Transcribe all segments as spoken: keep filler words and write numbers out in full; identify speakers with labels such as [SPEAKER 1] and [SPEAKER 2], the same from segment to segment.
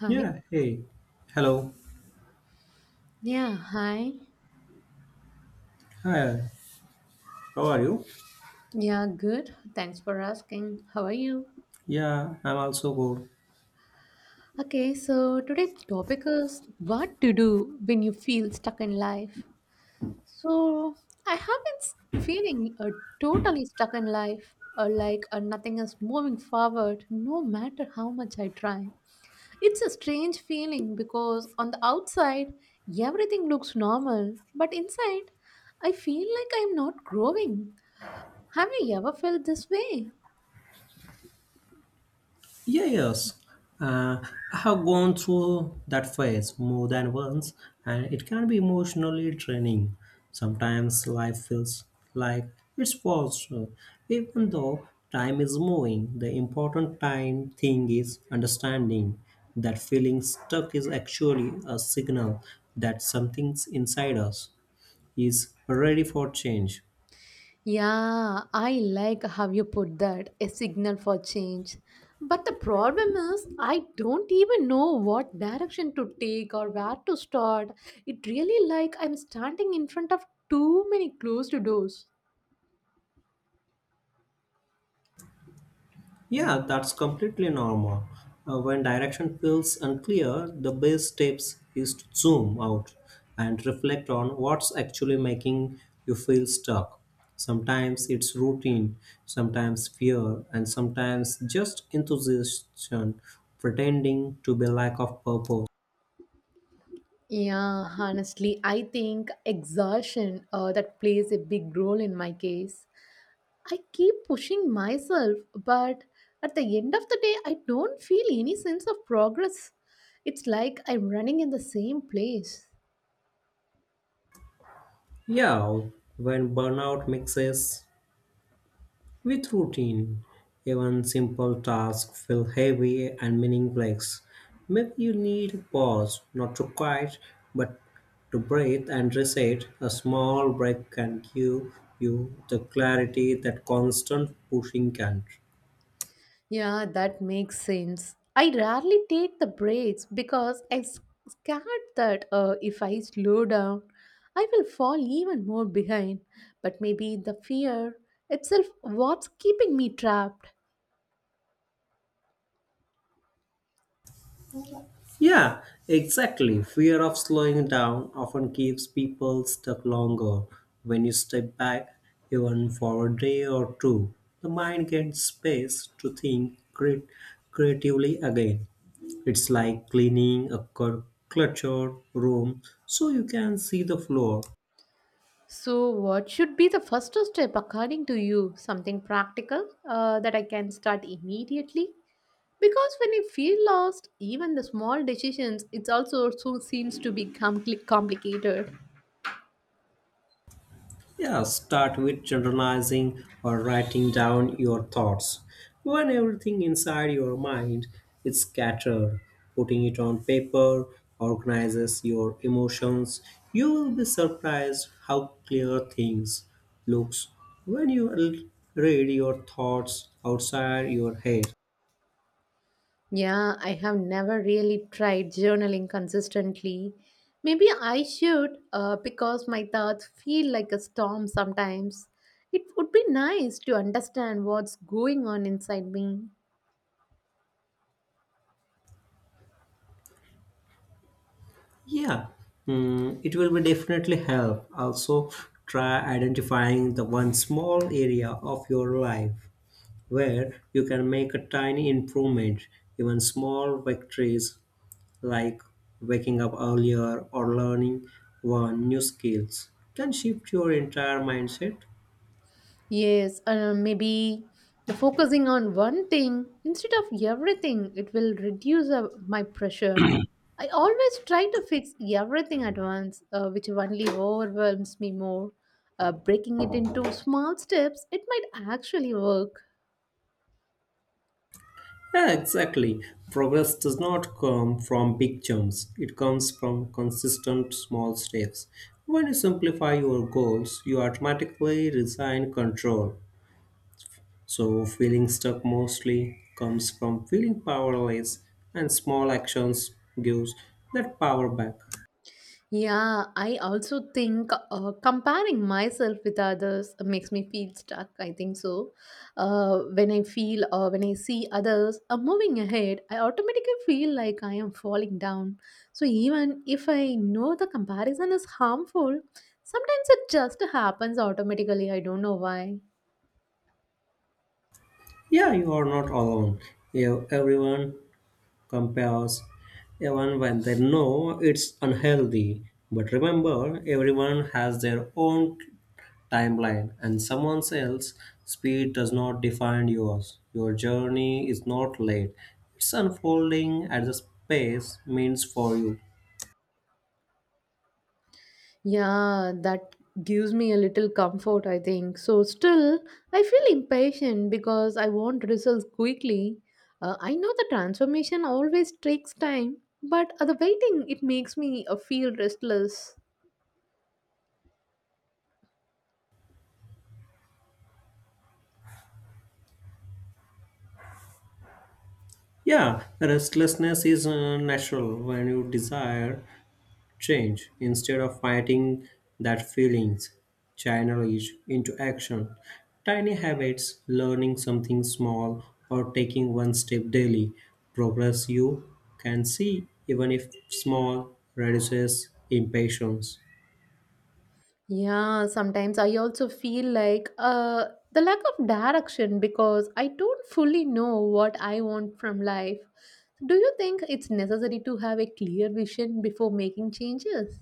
[SPEAKER 1] Hi.
[SPEAKER 2] Yeah, hey. Hello.
[SPEAKER 1] Yeah, hi.
[SPEAKER 2] Hi. How are you?
[SPEAKER 1] Yeah, good. Thanks for asking. How are you?
[SPEAKER 2] Yeah, I'm also good.
[SPEAKER 1] Okay, so today's topic is what to do when you feel stuck in life. So, I have been s- feeling uh, totally stuck in life, uh, like uh, nothing is moving forward no matter how much I try. It's a strange feeling because on the outside, everything looks normal, but inside, I feel like I'm not growing. Have you ever felt this way?
[SPEAKER 2] Yeah, yes. Uh, I have gone through that phase more than once, and it can be emotionally draining. Sometimes life feels like it's paused, uh, even though time is moving. The important time thing is understanding that feeling stuck is actually a signal that something's inside us is ready for change.
[SPEAKER 1] Yeah, I like how you put that, a signal for change. But the problem is, I don't even know what direction to take or where to start. It really like I'm standing in front of too many closed doors.
[SPEAKER 2] Yeah, that's completely normal. Uh, when direction feels unclear, the best steps is to zoom out and reflect on what's actually making you feel stuck. Sometimes it's routine, sometimes fear, and sometimes just enthusiasm pretending to be lack of purpose.
[SPEAKER 1] Yeah, honestly, I think exhaustion uh, that plays a big role in my case. I keep pushing myself, but at the end of the day, I don't feel any sense of progress. It's like I'm running in the same place.
[SPEAKER 2] Yeah, when burnout mixes with routine, even simple tasks feel heavy and meaningless. Maybe you need a pause, not to quiet, but to breathe and reset. A small break can give you the clarity that constant pushing can't.
[SPEAKER 1] Yeah, that makes sense. I rarely take the breaks because I'm s- scared that uh, if I slow down, I will fall even more behind. But maybe the fear itself what's keeping me trapped.
[SPEAKER 2] Yeah, exactly. Fear of slowing down often keeps people stuck longer. When you step back, even for a day or two, the mind gets space to think cre- creatively again. It's like cleaning a cl- cluttered room so you can see the floor.
[SPEAKER 1] So, what should be the first step according to you? Something practical uh, that I can start immediately? Because when you feel lost, even the small decisions, it also so seems to be compli complicated.
[SPEAKER 2] Yeah, start with journalizing or writing down your thoughts. When everything inside your mind is scattered, putting it on paper organizes your emotions. You will be surprised how clear things looks when you l- read your thoughts outside your head.
[SPEAKER 1] Yeah, I have never really tried journaling consistently. Maybe I should uh, because my thoughts feel like a storm sometimes. It would be nice to understand what's going on inside me.
[SPEAKER 2] Yeah, mm, it will be definitely help. Also, try identifying the one small area of your life where you can make a tiny improvement, even small victories like waking up earlier or learning one new skills can shift your entire mindset.
[SPEAKER 1] Yes, uh, maybe the focusing on one thing instead of everything, it will reduce uh, my pressure. I always try to fix everything at once, uh, which only overwhelms me more. Uh, breaking it into small steps, it might actually work.
[SPEAKER 2] Yeah, exactly. Progress does not come from big jumps. It comes from consistent small steps. When you simplify your goals, you automatically resign control. So, feeling stuck mostly comes from feeling powerless, and small actions gives that power back.
[SPEAKER 1] Yeah, I also think uh, comparing myself with others makes me feel stuck. I think so. Uh, when I feel or when I see others are moving ahead, I automatically feel like I am falling down. So even if I know the comparison is harmful, sometimes it just happens automatically. I don't know why.
[SPEAKER 2] Yeah, you are not alone. You, everyone compares, even when they know it's unhealthy. But remember, everyone has their own timeline, and someone else's speed does not define yours. Your journey is not late; it's unfolding at the pace means for you.
[SPEAKER 1] Yeah, that gives me a little comfort, I think. So, still, I feel impatient because I want results quickly. Uh, I know the transformation always takes time, but uh, the waiting, it makes me uh, feel restless.
[SPEAKER 2] Yeah, restlessness is uh, natural when you desire change. Instead of fighting that feelings, channel it into action. Tiny habits, learning something small, or taking one step daily. Progress you can see, even if small, reduces impatience.
[SPEAKER 1] Yeah, sometimes I also feel like uh, the lack of direction because I don't fully know what I want from life. Do you think it's necessary to have a clear vision before making changes?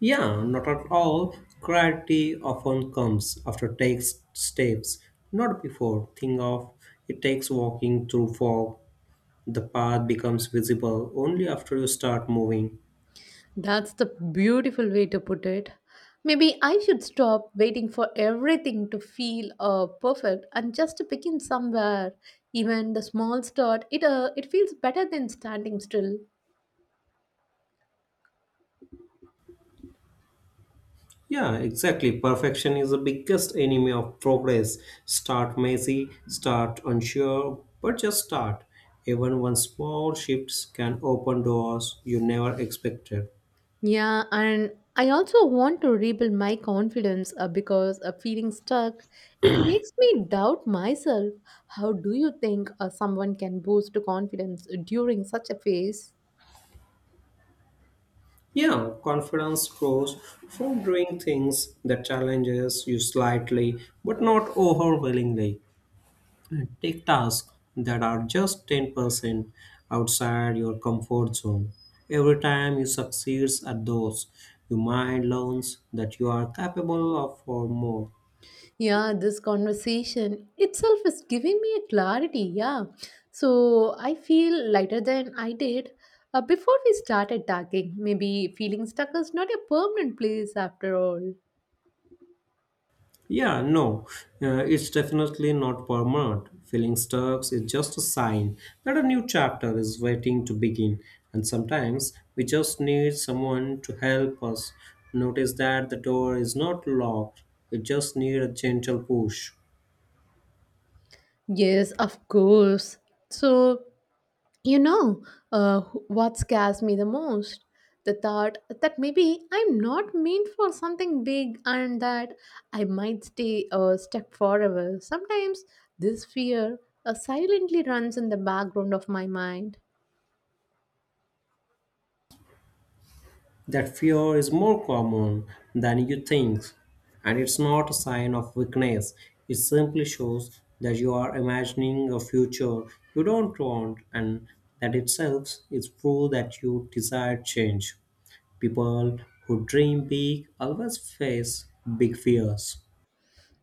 [SPEAKER 2] Yeah, not at all. Clarity often comes after takes steps, not before. Think of it takes walking through fog the path becomes visible only after you start moving.
[SPEAKER 1] That's the beautiful way to put it. Maybe I should stop waiting for everything to feel uh, perfect and just begin somewhere. Even the small start, it uh, it feels better than standing still.
[SPEAKER 2] Yeah, exactly. Perfection is the biggest enemy of progress. Start messy, start unsure, but just start. Even one small shifts can open doors you never expected.
[SPEAKER 1] Yeah, and I also want to rebuild my confidence uh, because uh, feeling stuck, it makes me doubt myself. How do you think uh, someone can boost confidence during such a phase?
[SPEAKER 2] Yeah, confidence grows from doing things that challenges you slightly but not overwhelmingly. Take tasks that are just ten percent outside your comfort zone. Every time you succeed at those, your mind learns that you are capable of for more.
[SPEAKER 1] Yeah, this conversation itself is giving me a clarity. Yeah. So I feel lighter than I did uh, before we started talking. Maybe feeling stuck is not a permanent place after all.
[SPEAKER 2] Yeah, no, uh, it's definitely not permanent. Feeling stuck is just a sign that a new chapter is waiting to begin, and sometimes we just need someone to help us notice that the door is not locked. We just need a gentle push.
[SPEAKER 1] Yes, of course. So, you know, uh, what scares me the most? The thought that maybe I'm not meant for something big and that I might stay uh, stuck forever. Sometimes this fear uh, silently runs in the background of my mind.
[SPEAKER 2] That fear is more common than you think, and it's not a sign of weakness. It simply shows that you are imagining a future you don't want, and that itself is proof that you desire change. People who dream big always face big fears.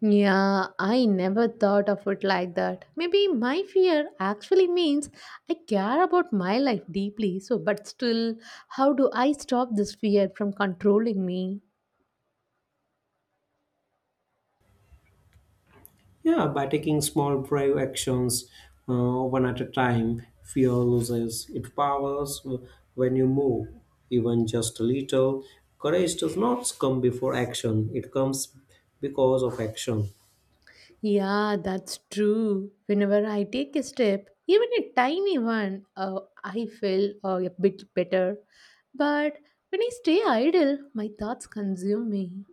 [SPEAKER 1] Yeah, I never thought of it like that. Maybe my fear actually means I care about my life deeply. So, but still, how do I stop this fear from controlling me?
[SPEAKER 2] Yeah, by taking small brave actions uh, one at a time, fear loses its powers uh, when you move, even just a little. Courage does not come before action, it comes because of action.
[SPEAKER 1] Yeah, that's true. Whenever I take a step, even a tiny one, uh, I feel uh, a bit better. But when I stay idle, my thoughts consume me.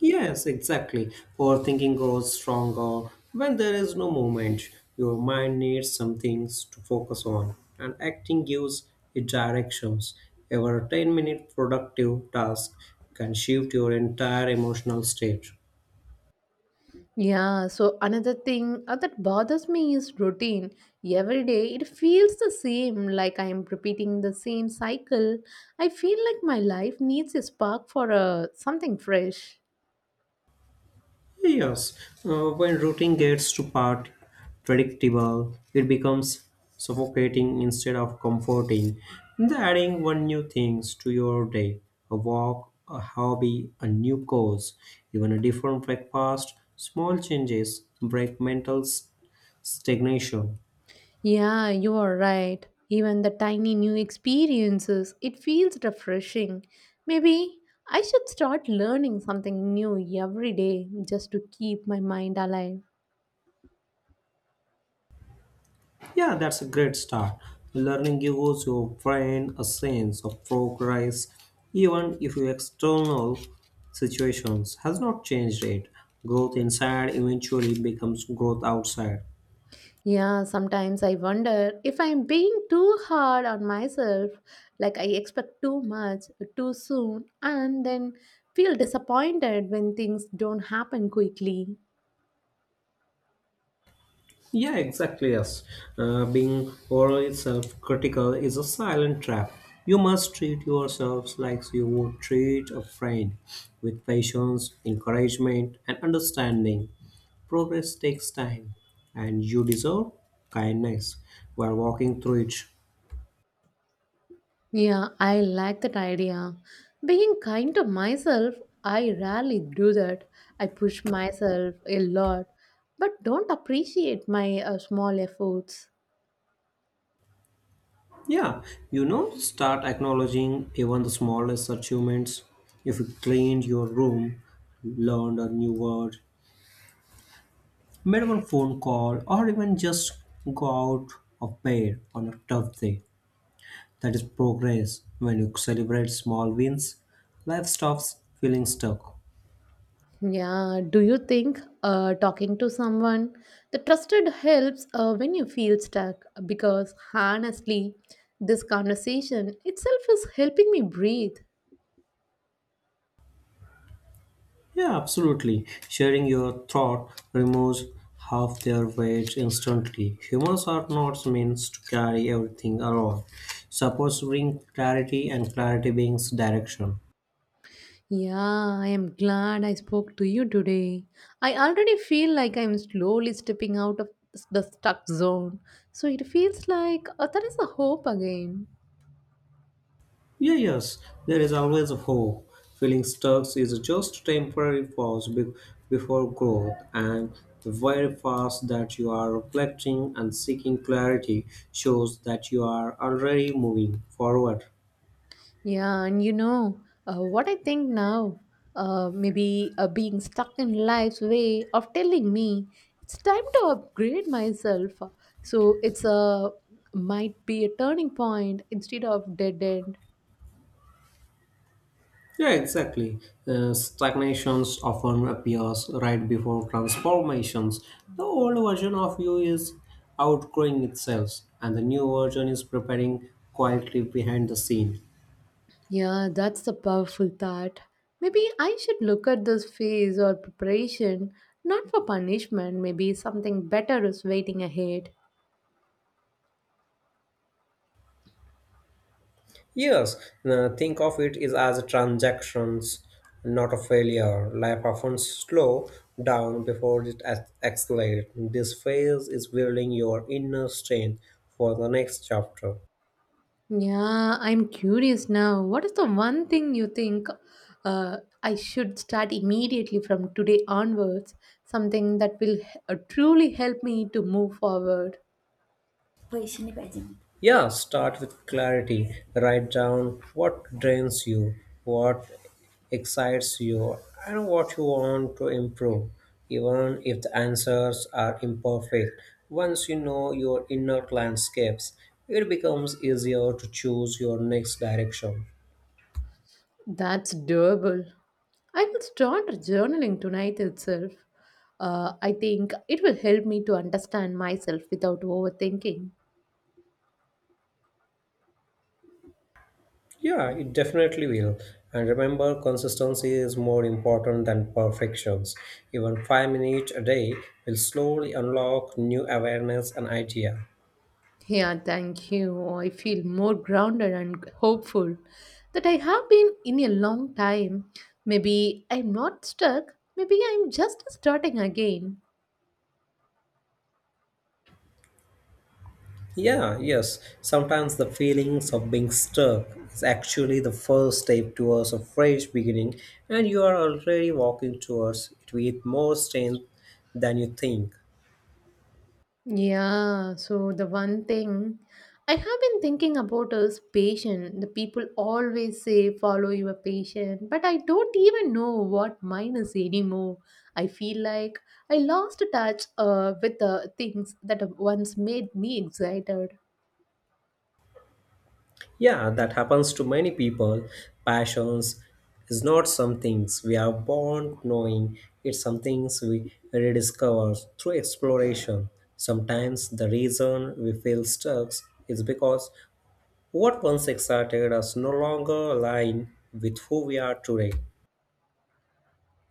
[SPEAKER 2] Yes, exactly. Overthinking grows stronger when there is no movement. Your mind needs some things to focus on, and acting gives it directions. Every ten minute productive task can shift your entire emotional state.
[SPEAKER 1] Yeah, so another thing uh, that bothers me is routine. Every day it feels the same, like I am repeating the same cycle. I feel like my life needs a spark for uh, something fresh.
[SPEAKER 2] Yes, uh, when routing gets too part predictable, it becomes suffocating instead of comforting. And adding one new things to your day, a walk, a hobby, a new course, even a different breakfast, small changes break mental s- stagnation.
[SPEAKER 1] Yeah, you are right. Even the tiny new experiences, it feels refreshing. Maybe I should start learning something new every day just to keep my mind alive.
[SPEAKER 2] Yeah, that's a great start. Learning gives your brain a sense of progress, even if your external situations has not changed it. Growth inside eventually becomes growth outside.
[SPEAKER 1] Yeah, sometimes I wonder if I'm being too hard on myself, like I expect too much too soon, and then feel disappointed when things don't happen quickly.
[SPEAKER 2] Yeah, exactly. Yes. Uh, being overly self critical is a silent trap. You must treat yourselves like you would treat a friend with patience, encouragement, and understanding. Progress takes time, and you deserve kindness while walking through it.
[SPEAKER 1] Yeah, I like that idea. Being kind to myself, I rarely do that. I push myself a lot, but don't appreciate my uh, small efforts.
[SPEAKER 2] Yeah, you know, start acknowledging even the smallest achievements. If you cleaned your room, learned a new word, made one phone call, or even just go out of bed on a tough day. That is progress. When you celebrate small wins, life stops feeling stuck.
[SPEAKER 1] Yeah, do you think uh, talking to someone the trusted helps uh, when you feel stuck? Because honestly, this conversation itself is helping me breathe.
[SPEAKER 2] Yeah, absolutely. Sharing your thought removes half their weight instantly. Humans are not meant to carry everything around. Suppose bring clarity and clarity brings direction.
[SPEAKER 1] Yeah, I am glad I spoke to you today. I already feel like I am slowly stepping out of the stuck zone. So it feels like uh, there is a hope again.
[SPEAKER 2] Yeah, yes, there is always a hope. Feeling stuck is just a temporary pause be- before growth, and the very fast that you are reflecting and seeking clarity shows that you are already moving forward.
[SPEAKER 1] Yeah, and you know uh, what I think now? Uh, maybe uh, being stuck in life's way of telling me it's time to upgrade myself. So it's a might be a turning point instead of dead end.
[SPEAKER 2] Yeah, exactly. Uh, stagnations often appears right before transformations. The old version of you is outgrowing itself, and the new version is preparing quietly behind the scene.
[SPEAKER 1] Yeah, that's a powerful thought. Maybe I should look at this phase or preparation not for punishment, maybe something better is waiting ahead.
[SPEAKER 2] Yes, uh, think of it is as transactions, not a failure. Life often slow down before it ex- accelerates. This phase is building your inner strength for the next chapter.
[SPEAKER 1] Yeah, I'm curious now. What is the one thing you think uh, I should start immediately from today onwards? Something that will uh, truly help me to move forward.
[SPEAKER 2] Poesia pageant. Yeah, start with clarity. Write down what drains you, what excites you, and what you want to improve, even if the answers are imperfect. Once you know your inner landscapes, it becomes easier to choose your next direction.
[SPEAKER 1] That's doable. I will start journaling tonight itself. Uh, I think it will help me to understand myself without overthinking.
[SPEAKER 2] Yeah, it definitely will. And remember, consistency is more important than perfections. Even five minutes a day will slowly unlock new awareness and idea.
[SPEAKER 1] Yeah, thank you. I feel more grounded and hopeful that I have been in a long time. Maybe I'm not stuck. Maybe I'm just starting again.
[SPEAKER 2] Yeah, yes. Sometimes the feelings of being stuck is actually the first step towards a fresh beginning, and you are already walking towards it with more strength than you think.
[SPEAKER 1] Yeah, so the one thing I have been thinking about is patient. The people always say follow your patient, but I don't even know what mine is anymore. I feel like I lost touch uh, with the things that once made me excited.
[SPEAKER 2] Yeah, that happens to many people. Passions is not some things we are born knowing, it's some things we rediscover through exploration. Sometimes the reason we feel stuck is because what once excited us no longer align with who we are today.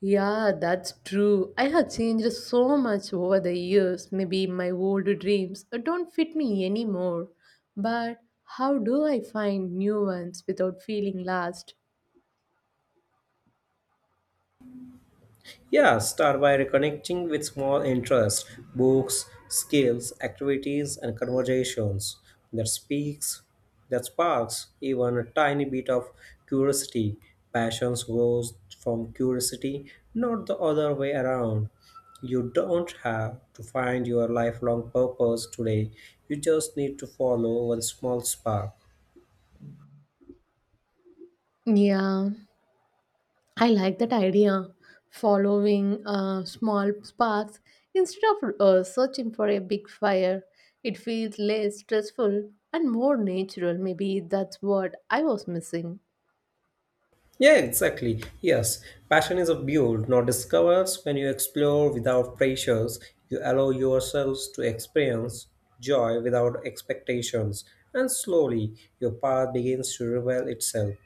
[SPEAKER 1] Yeah, that's true. I have changed so much over the years. Maybe my old dreams don't fit me anymore. But how do I find new ones without feeling lost?
[SPEAKER 2] Yeah, start by reconnecting with small interests, books, skills, activities, and conversations that speaks, that sparks even a tiny bit of curiosity. Passions grows from curiosity, not the other way around. You don't have to find your lifelong purpose today. You just need to follow one small spark.
[SPEAKER 1] Yeah, I like that idea. Following uh, small sparks instead of uh, searching for a big fire. It feels less stressful and more natural. Maybe that's what I was missing.
[SPEAKER 2] Yeah, exactly. Yes, passion is a build, not discovers. When you explore without pressures, you allow yourselves to experience joy without expectations, and slowly your path begins to reveal itself.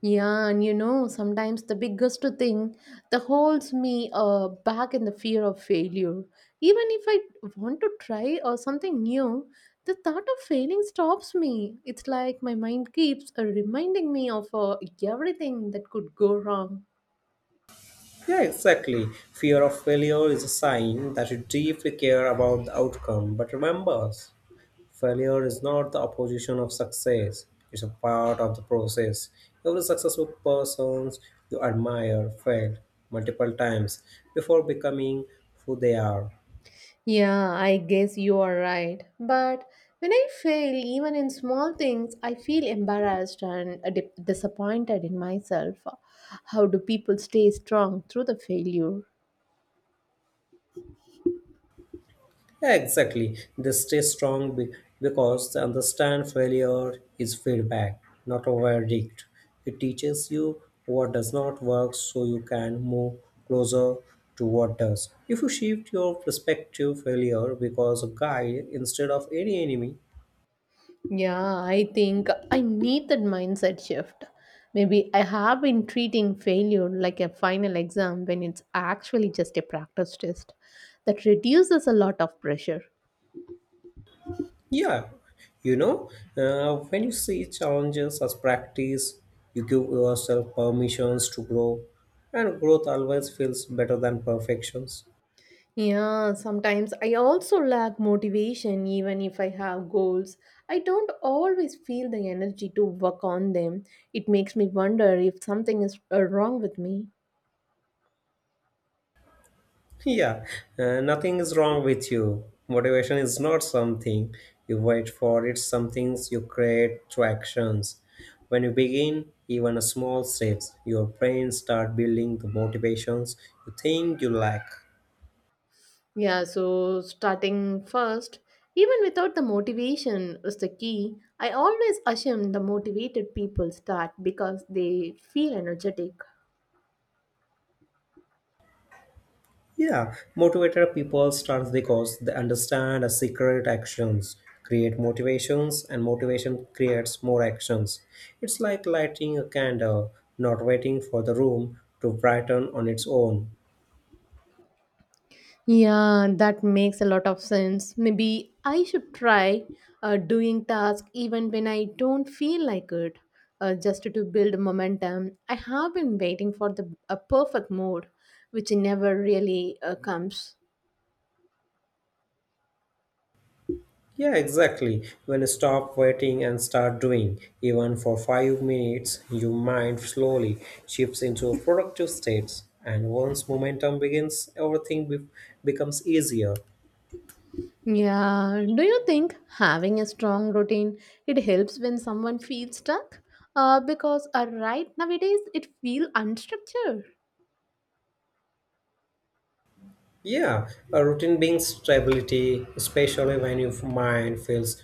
[SPEAKER 1] Yeah, and you know, sometimes the biggest thing that holds me uh, back in the fear of failure. Even if I want to try or something new, the thought of failing stops me. It's like my mind keeps uh, reminding me of uh, everything that could go wrong.
[SPEAKER 2] Yeah, exactly. Fear of failure is a sign that you deeply care about the outcome, but remember failure is not the opposition of success, it's a part of the process. Every successful person you admire failed multiple times before becoming who they are.
[SPEAKER 1] Yeah, I guess you are right. But when I fail, even in small things, I feel embarrassed and uh, di- disappointed in myself. How do people stay strong through the failure?
[SPEAKER 2] Yeah, exactly. They stay strong be- because they understand failure is feedback, not a verdict. It teaches you what does not work so you can move closer to what does. If you shift your perspective, failure becomes a guide instead of any enemy.
[SPEAKER 1] Yeah, I think I need that mindset shift. Maybe I have been treating failure like a final exam when it's actually just a practice test. That reduces a lot of pressure.
[SPEAKER 2] Yeah, you know, uh, when you see challenges as practice, you give yourself permissions to grow, and growth always feels better than perfections.
[SPEAKER 1] Yeah, sometimes I also lack motivation even if I have goals. I don't always feel the energy to work on them. It makes me wonder if something is uh, wrong with me.
[SPEAKER 2] Yeah, uh, nothing is wrong with you. Motivation is not something you wait for, it's something you create through actions. When you begin, even a small steps, your brain start building the motivations you think you lack.
[SPEAKER 1] Yeah, so starting first, even without the motivation is the key. I always assume the motivated people start because they feel energetic.
[SPEAKER 2] Yeah, motivated people starts because they understand a secret actions create motivations and motivation creates more actions. It's like lighting a candle, not waiting for the room to brighten on its own.
[SPEAKER 1] Yeah, that makes a lot of sense. Maybe I should try uh, doing tasks even when I don't feel like it, uh, just to build momentum. I have been waiting for the a perfect mood, which never really uh, comes.
[SPEAKER 2] Yeah, exactly. When you stop waiting and start doing, even for five minutes, your mind slowly shifts into a productive state. And once momentum begins, everything be- becomes easier.
[SPEAKER 1] Yeah, do you think having a strong routine it helps when someone feels stuck? Uh, because uh, right nowadays it feel unstructured.
[SPEAKER 2] Yeah, a routine brings stability, especially when your mind feels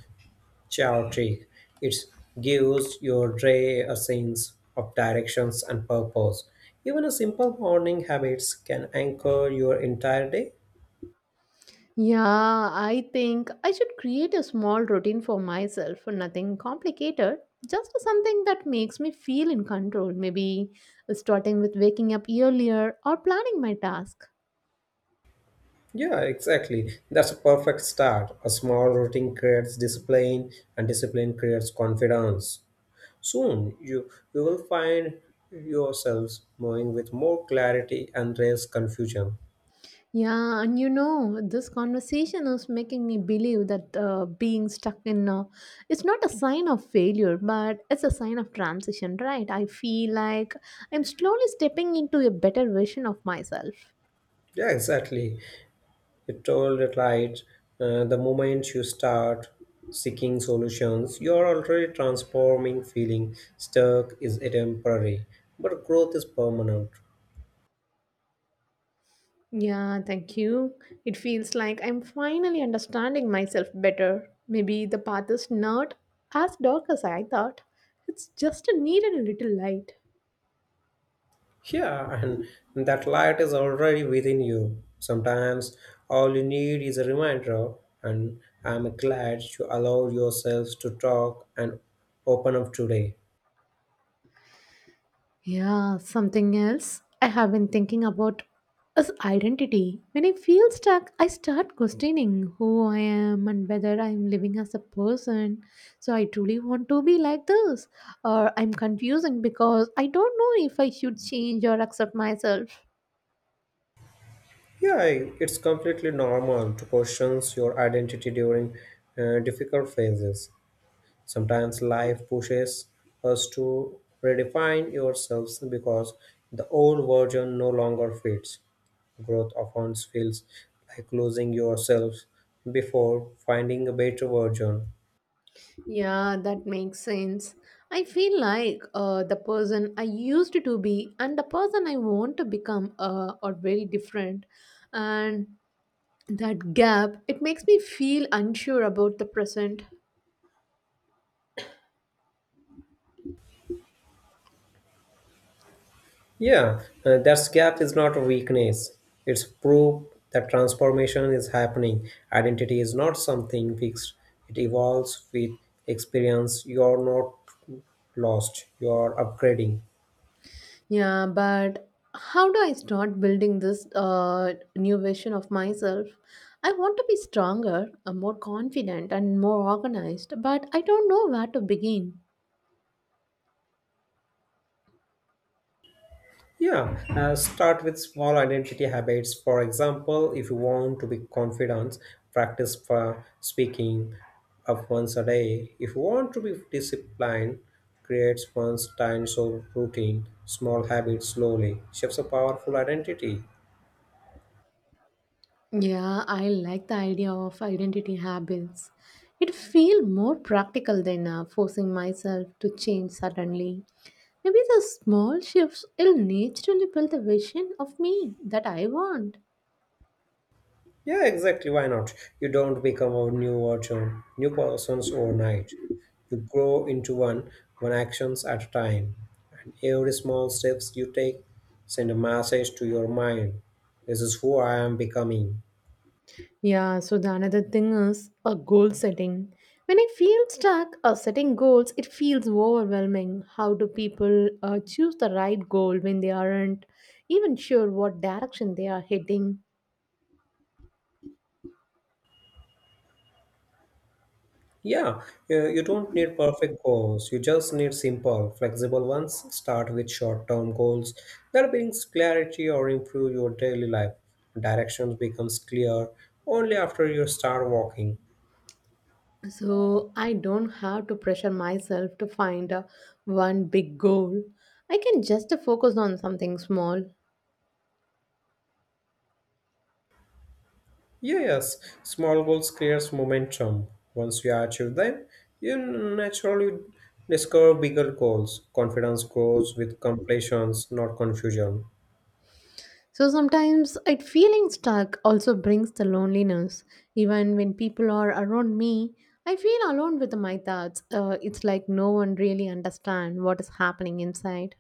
[SPEAKER 2] chaotic. It gives your day a sense of directions and purpose. Even a simple morning habits can anchor your entire day.
[SPEAKER 1] Yeah, I think I should create a small routine for myself, nothing complicated, just something that makes me feel in control. Maybe uh, starting with waking up earlier or planning my task.
[SPEAKER 2] Yeah, exactly. That's a perfect start. A small routine creates discipline, and discipline creates confidence. Soon, you you will find yourselves moving with more clarity and less confusion.
[SPEAKER 1] Yeah, and you know, this conversation is making me believe that uh, being stuck in uh, it's not a sign of failure, but it's a sign of transition, right? I feel like I'm slowly stepping into a better version of myself.
[SPEAKER 2] Yeah, exactly. It told it right. Uh, the moment you start seeking solutions, you're already transforming feeling stuck is a temporary, but growth is permanent.
[SPEAKER 1] Yeah, thank you. It feels like I'm finally understanding myself better. Maybe the path is not as dark as I thought. It's just needed a little light.
[SPEAKER 2] Yeah, and that light is already within you. Sometimes all you need is a reminder, and I'm glad you allowed yourselves to talk and open up today.
[SPEAKER 1] Yeah, something else I have been thinking about is identity. When I feel stuck, I start questioning who I am and whether I am living as a person. So I truly want to be like this, or I'm confusing because I don't know if I should change or accept myself.
[SPEAKER 2] Yeah, it's completely normal to question your identity during uh, difficult phases. Sometimes life pushes us to redefine yourselves because the old version no longer fits. Growth often feels like losing yourself before finding a better version.
[SPEAKER 1] Yeah, that makes sense. I feel like uh, the person I used to be and the person I want to become uh, are very different. And that gap it makes me feel unsure about the present.
[SPEAKER 2] Yeah, uh, that gap is not a weakness. It's proof that transformation is happening. Identity is not something fixed, it evolves with experience. You're not lost, you're upgrading.
[SPEAKER 1] Yeah, but how do I start building this uh, new version of myself. I want to be stronger uh, more confident and more organized, but I don't know where to begin.
[SPEAKER 2] Yeah, uh, start with small identity habits. For example, if you want to be confident, practice for speaking up once a day. If you want to be disciplined, create one's time so routine. Small habits slowly shapes a powerful identity.
[SPEAKER 1] Yeah, I like the idea of identity habits. It feels more practical than uh, forcing myself to change suddenly. Maybe the small shifts will naturally build the vision of me that I want.
[SPEAKER 2] Yeah, exactly. Why not? You don't become a new version, new persons overnight. You grow into one, one actions at a time. And every small steps you take send a message to your mind. This is who I am becoming.
[SPEAKER 1] Yeah, so the another thing is a goal setting. When I feel stuck or setting goals, it feels overwhelming. How do people uh, choose the right goal when they aren't even sure what direction they are heading?
[SPEAKER 2] Yeah, you you don't need perfect goals. You just need simple, flexible ones. Start with short-term goals that brings clarity or improve your daily life. Directions becomes clear only after you start walking.
[SPEAKER 1] So I don't have to pressure myself to find uh, one big goal. I can just focus on something small.
[SPEAKER 2] Yes, small goals creates momentum. Once you achieve them, you naturally discover bigger goals. Confidence grows with completions, not confusion.
[SPEAKER 1] So sometimes it feeling stuck also brings the loneliness. Even when people are around me, I feel alone with my thoughts. Uh, it's like no one really understand what is happening inside.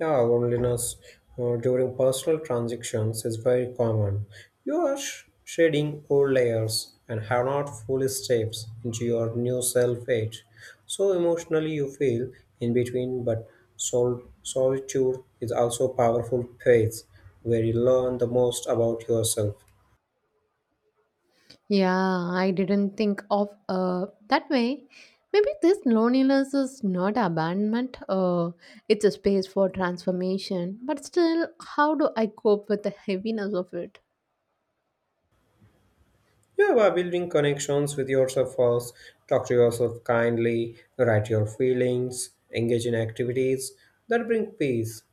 [SPEAKER 2] Yeah, loneliness uh, during personal transactions is very common. You are sh- shedding old layers and have not fully stepped into your new self yet. So emotionally, you feel in between, but sol- solitude is also a powerful phase where you learn the most about yourself.
[SPEAKER 1] Yeah, I didn't think of uh, that way. Maybe this loneliness is not abandonment. Uh, it's a space for transformation. But still, how do I cope with the heaviness of it?
[SPEAKER 2] You are building connections with yourself first, talk to yourself kindly, write your feelings, engage in activities that bring peace.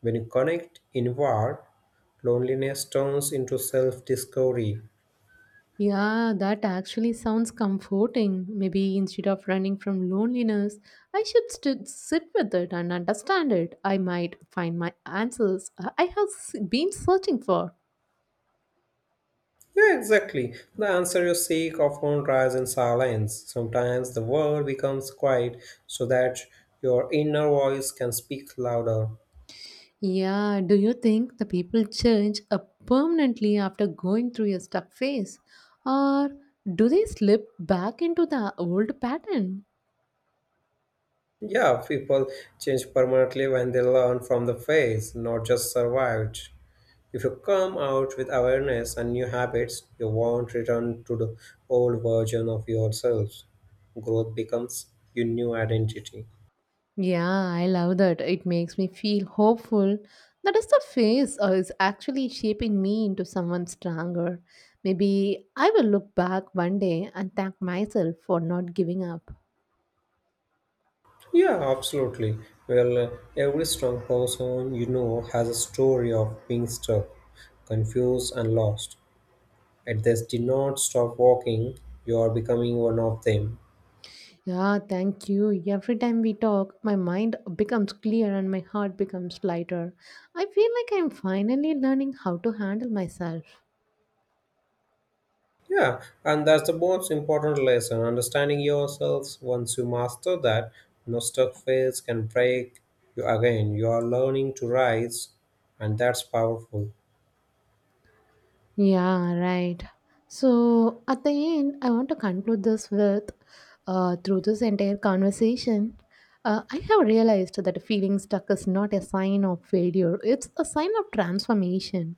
[SPEAKER 2] When you connect inward, loneliness turns into self discovery.
[SPEAKER 1] Yeah, that actually sounds comforting. Maybe instead of running from loneliness, I should st- sit with it and understand it. I might find my answers I I have s- been searching for.
[SPEAKER 2] Yeah, exactly. The answer you seek often lies in silence. Sometimes the world becomes quiet so that your inner voice can speak louder.
[SPEAKER 1] Yeah, do you think the people change uh, permanently after going through a stuck phase? Or do they slip back into the old pattern?
[SPEAKER 2] Yeah, people change permanently when they learn from the fails, not just survived. If you come out with awareness and new habits, you won't return to the old version of yourself. Growth becomes your new identity.
[SPEAKER 1] Yeah, I love that. It makes me feel hopeful. That is the phase uh, is actually shaping me into someone stronger. Maybe I will look back one day and thank myself for not giving up.
[SPEAKER 2] Yeah, absolutely. Well, uh, every strong person you know has a story of being stuck, confused, and lost. Yet they did not stop walking, you are becoming one of them.
[SPEAKER 1] Yeah, thank you. Every time we talk, my mind becomes clear and my heart becomes lighter. I feel like I'm finally learning how to handle myself.
[SPEAKER 2] Yeah, and that's the most important lesson understanding yourselves. Once you master that, no stuck phase can break you again. You are learning to rise, and that's powerful.
[SPEAKER 1] Yeah, right. So at the end, I want to conclude this with uh, through this entire conversation, uh, I have realized that feeling stuck is not a sign of failure, it's a sign of transformation.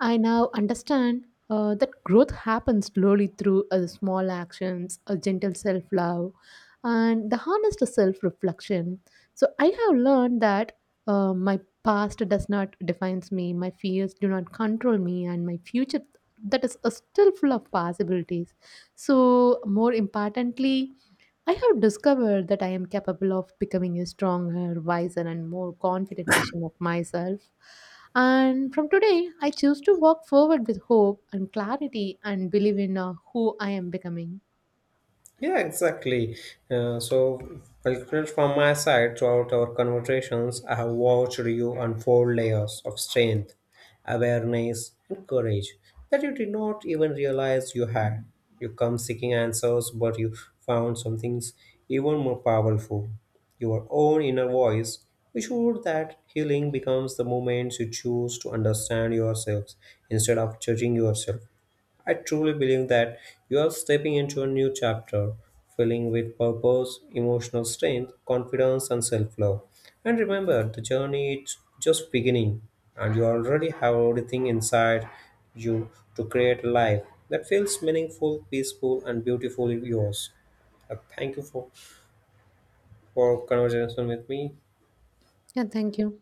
[SPEAKER 1] I now understand uh, that growth happens slowly through uh, small actions, a gentle self love, and the honest self reflection. So I have learned that uh, my past does not define me, my fears do not control me, and my future that is uh, still full of possibilities. So more importantly, I have discovered that I am capable of becoming a stronger, wiser, and more confident version of myself. And from today, I choose to walk forward with hope and clarity and believe in uh, who I am becoming.
[SPEAKER 2] Yeah, exactly. Uh, so, conclude from my side, throughout our conversations, I have watched you unfold layers of strength, awareness, and courage that you did not even realize you had. You come seeking answers, but you found something even more powerful your own inner voice. We showed that healing becomes the moment you choose to understand yourselves instead of judging yourself. I truly believe that you are stepping into a new chapter, filling with purpose, emotional strength, confidence, and self love. And remember, the journey is just beginning, and you already have everything inside you to create a life that feels meaningful, peaceful, and beautifully yours. Uh, Thank you for, for conversation with me.
[SPEAKER 1] Yeah, thank you.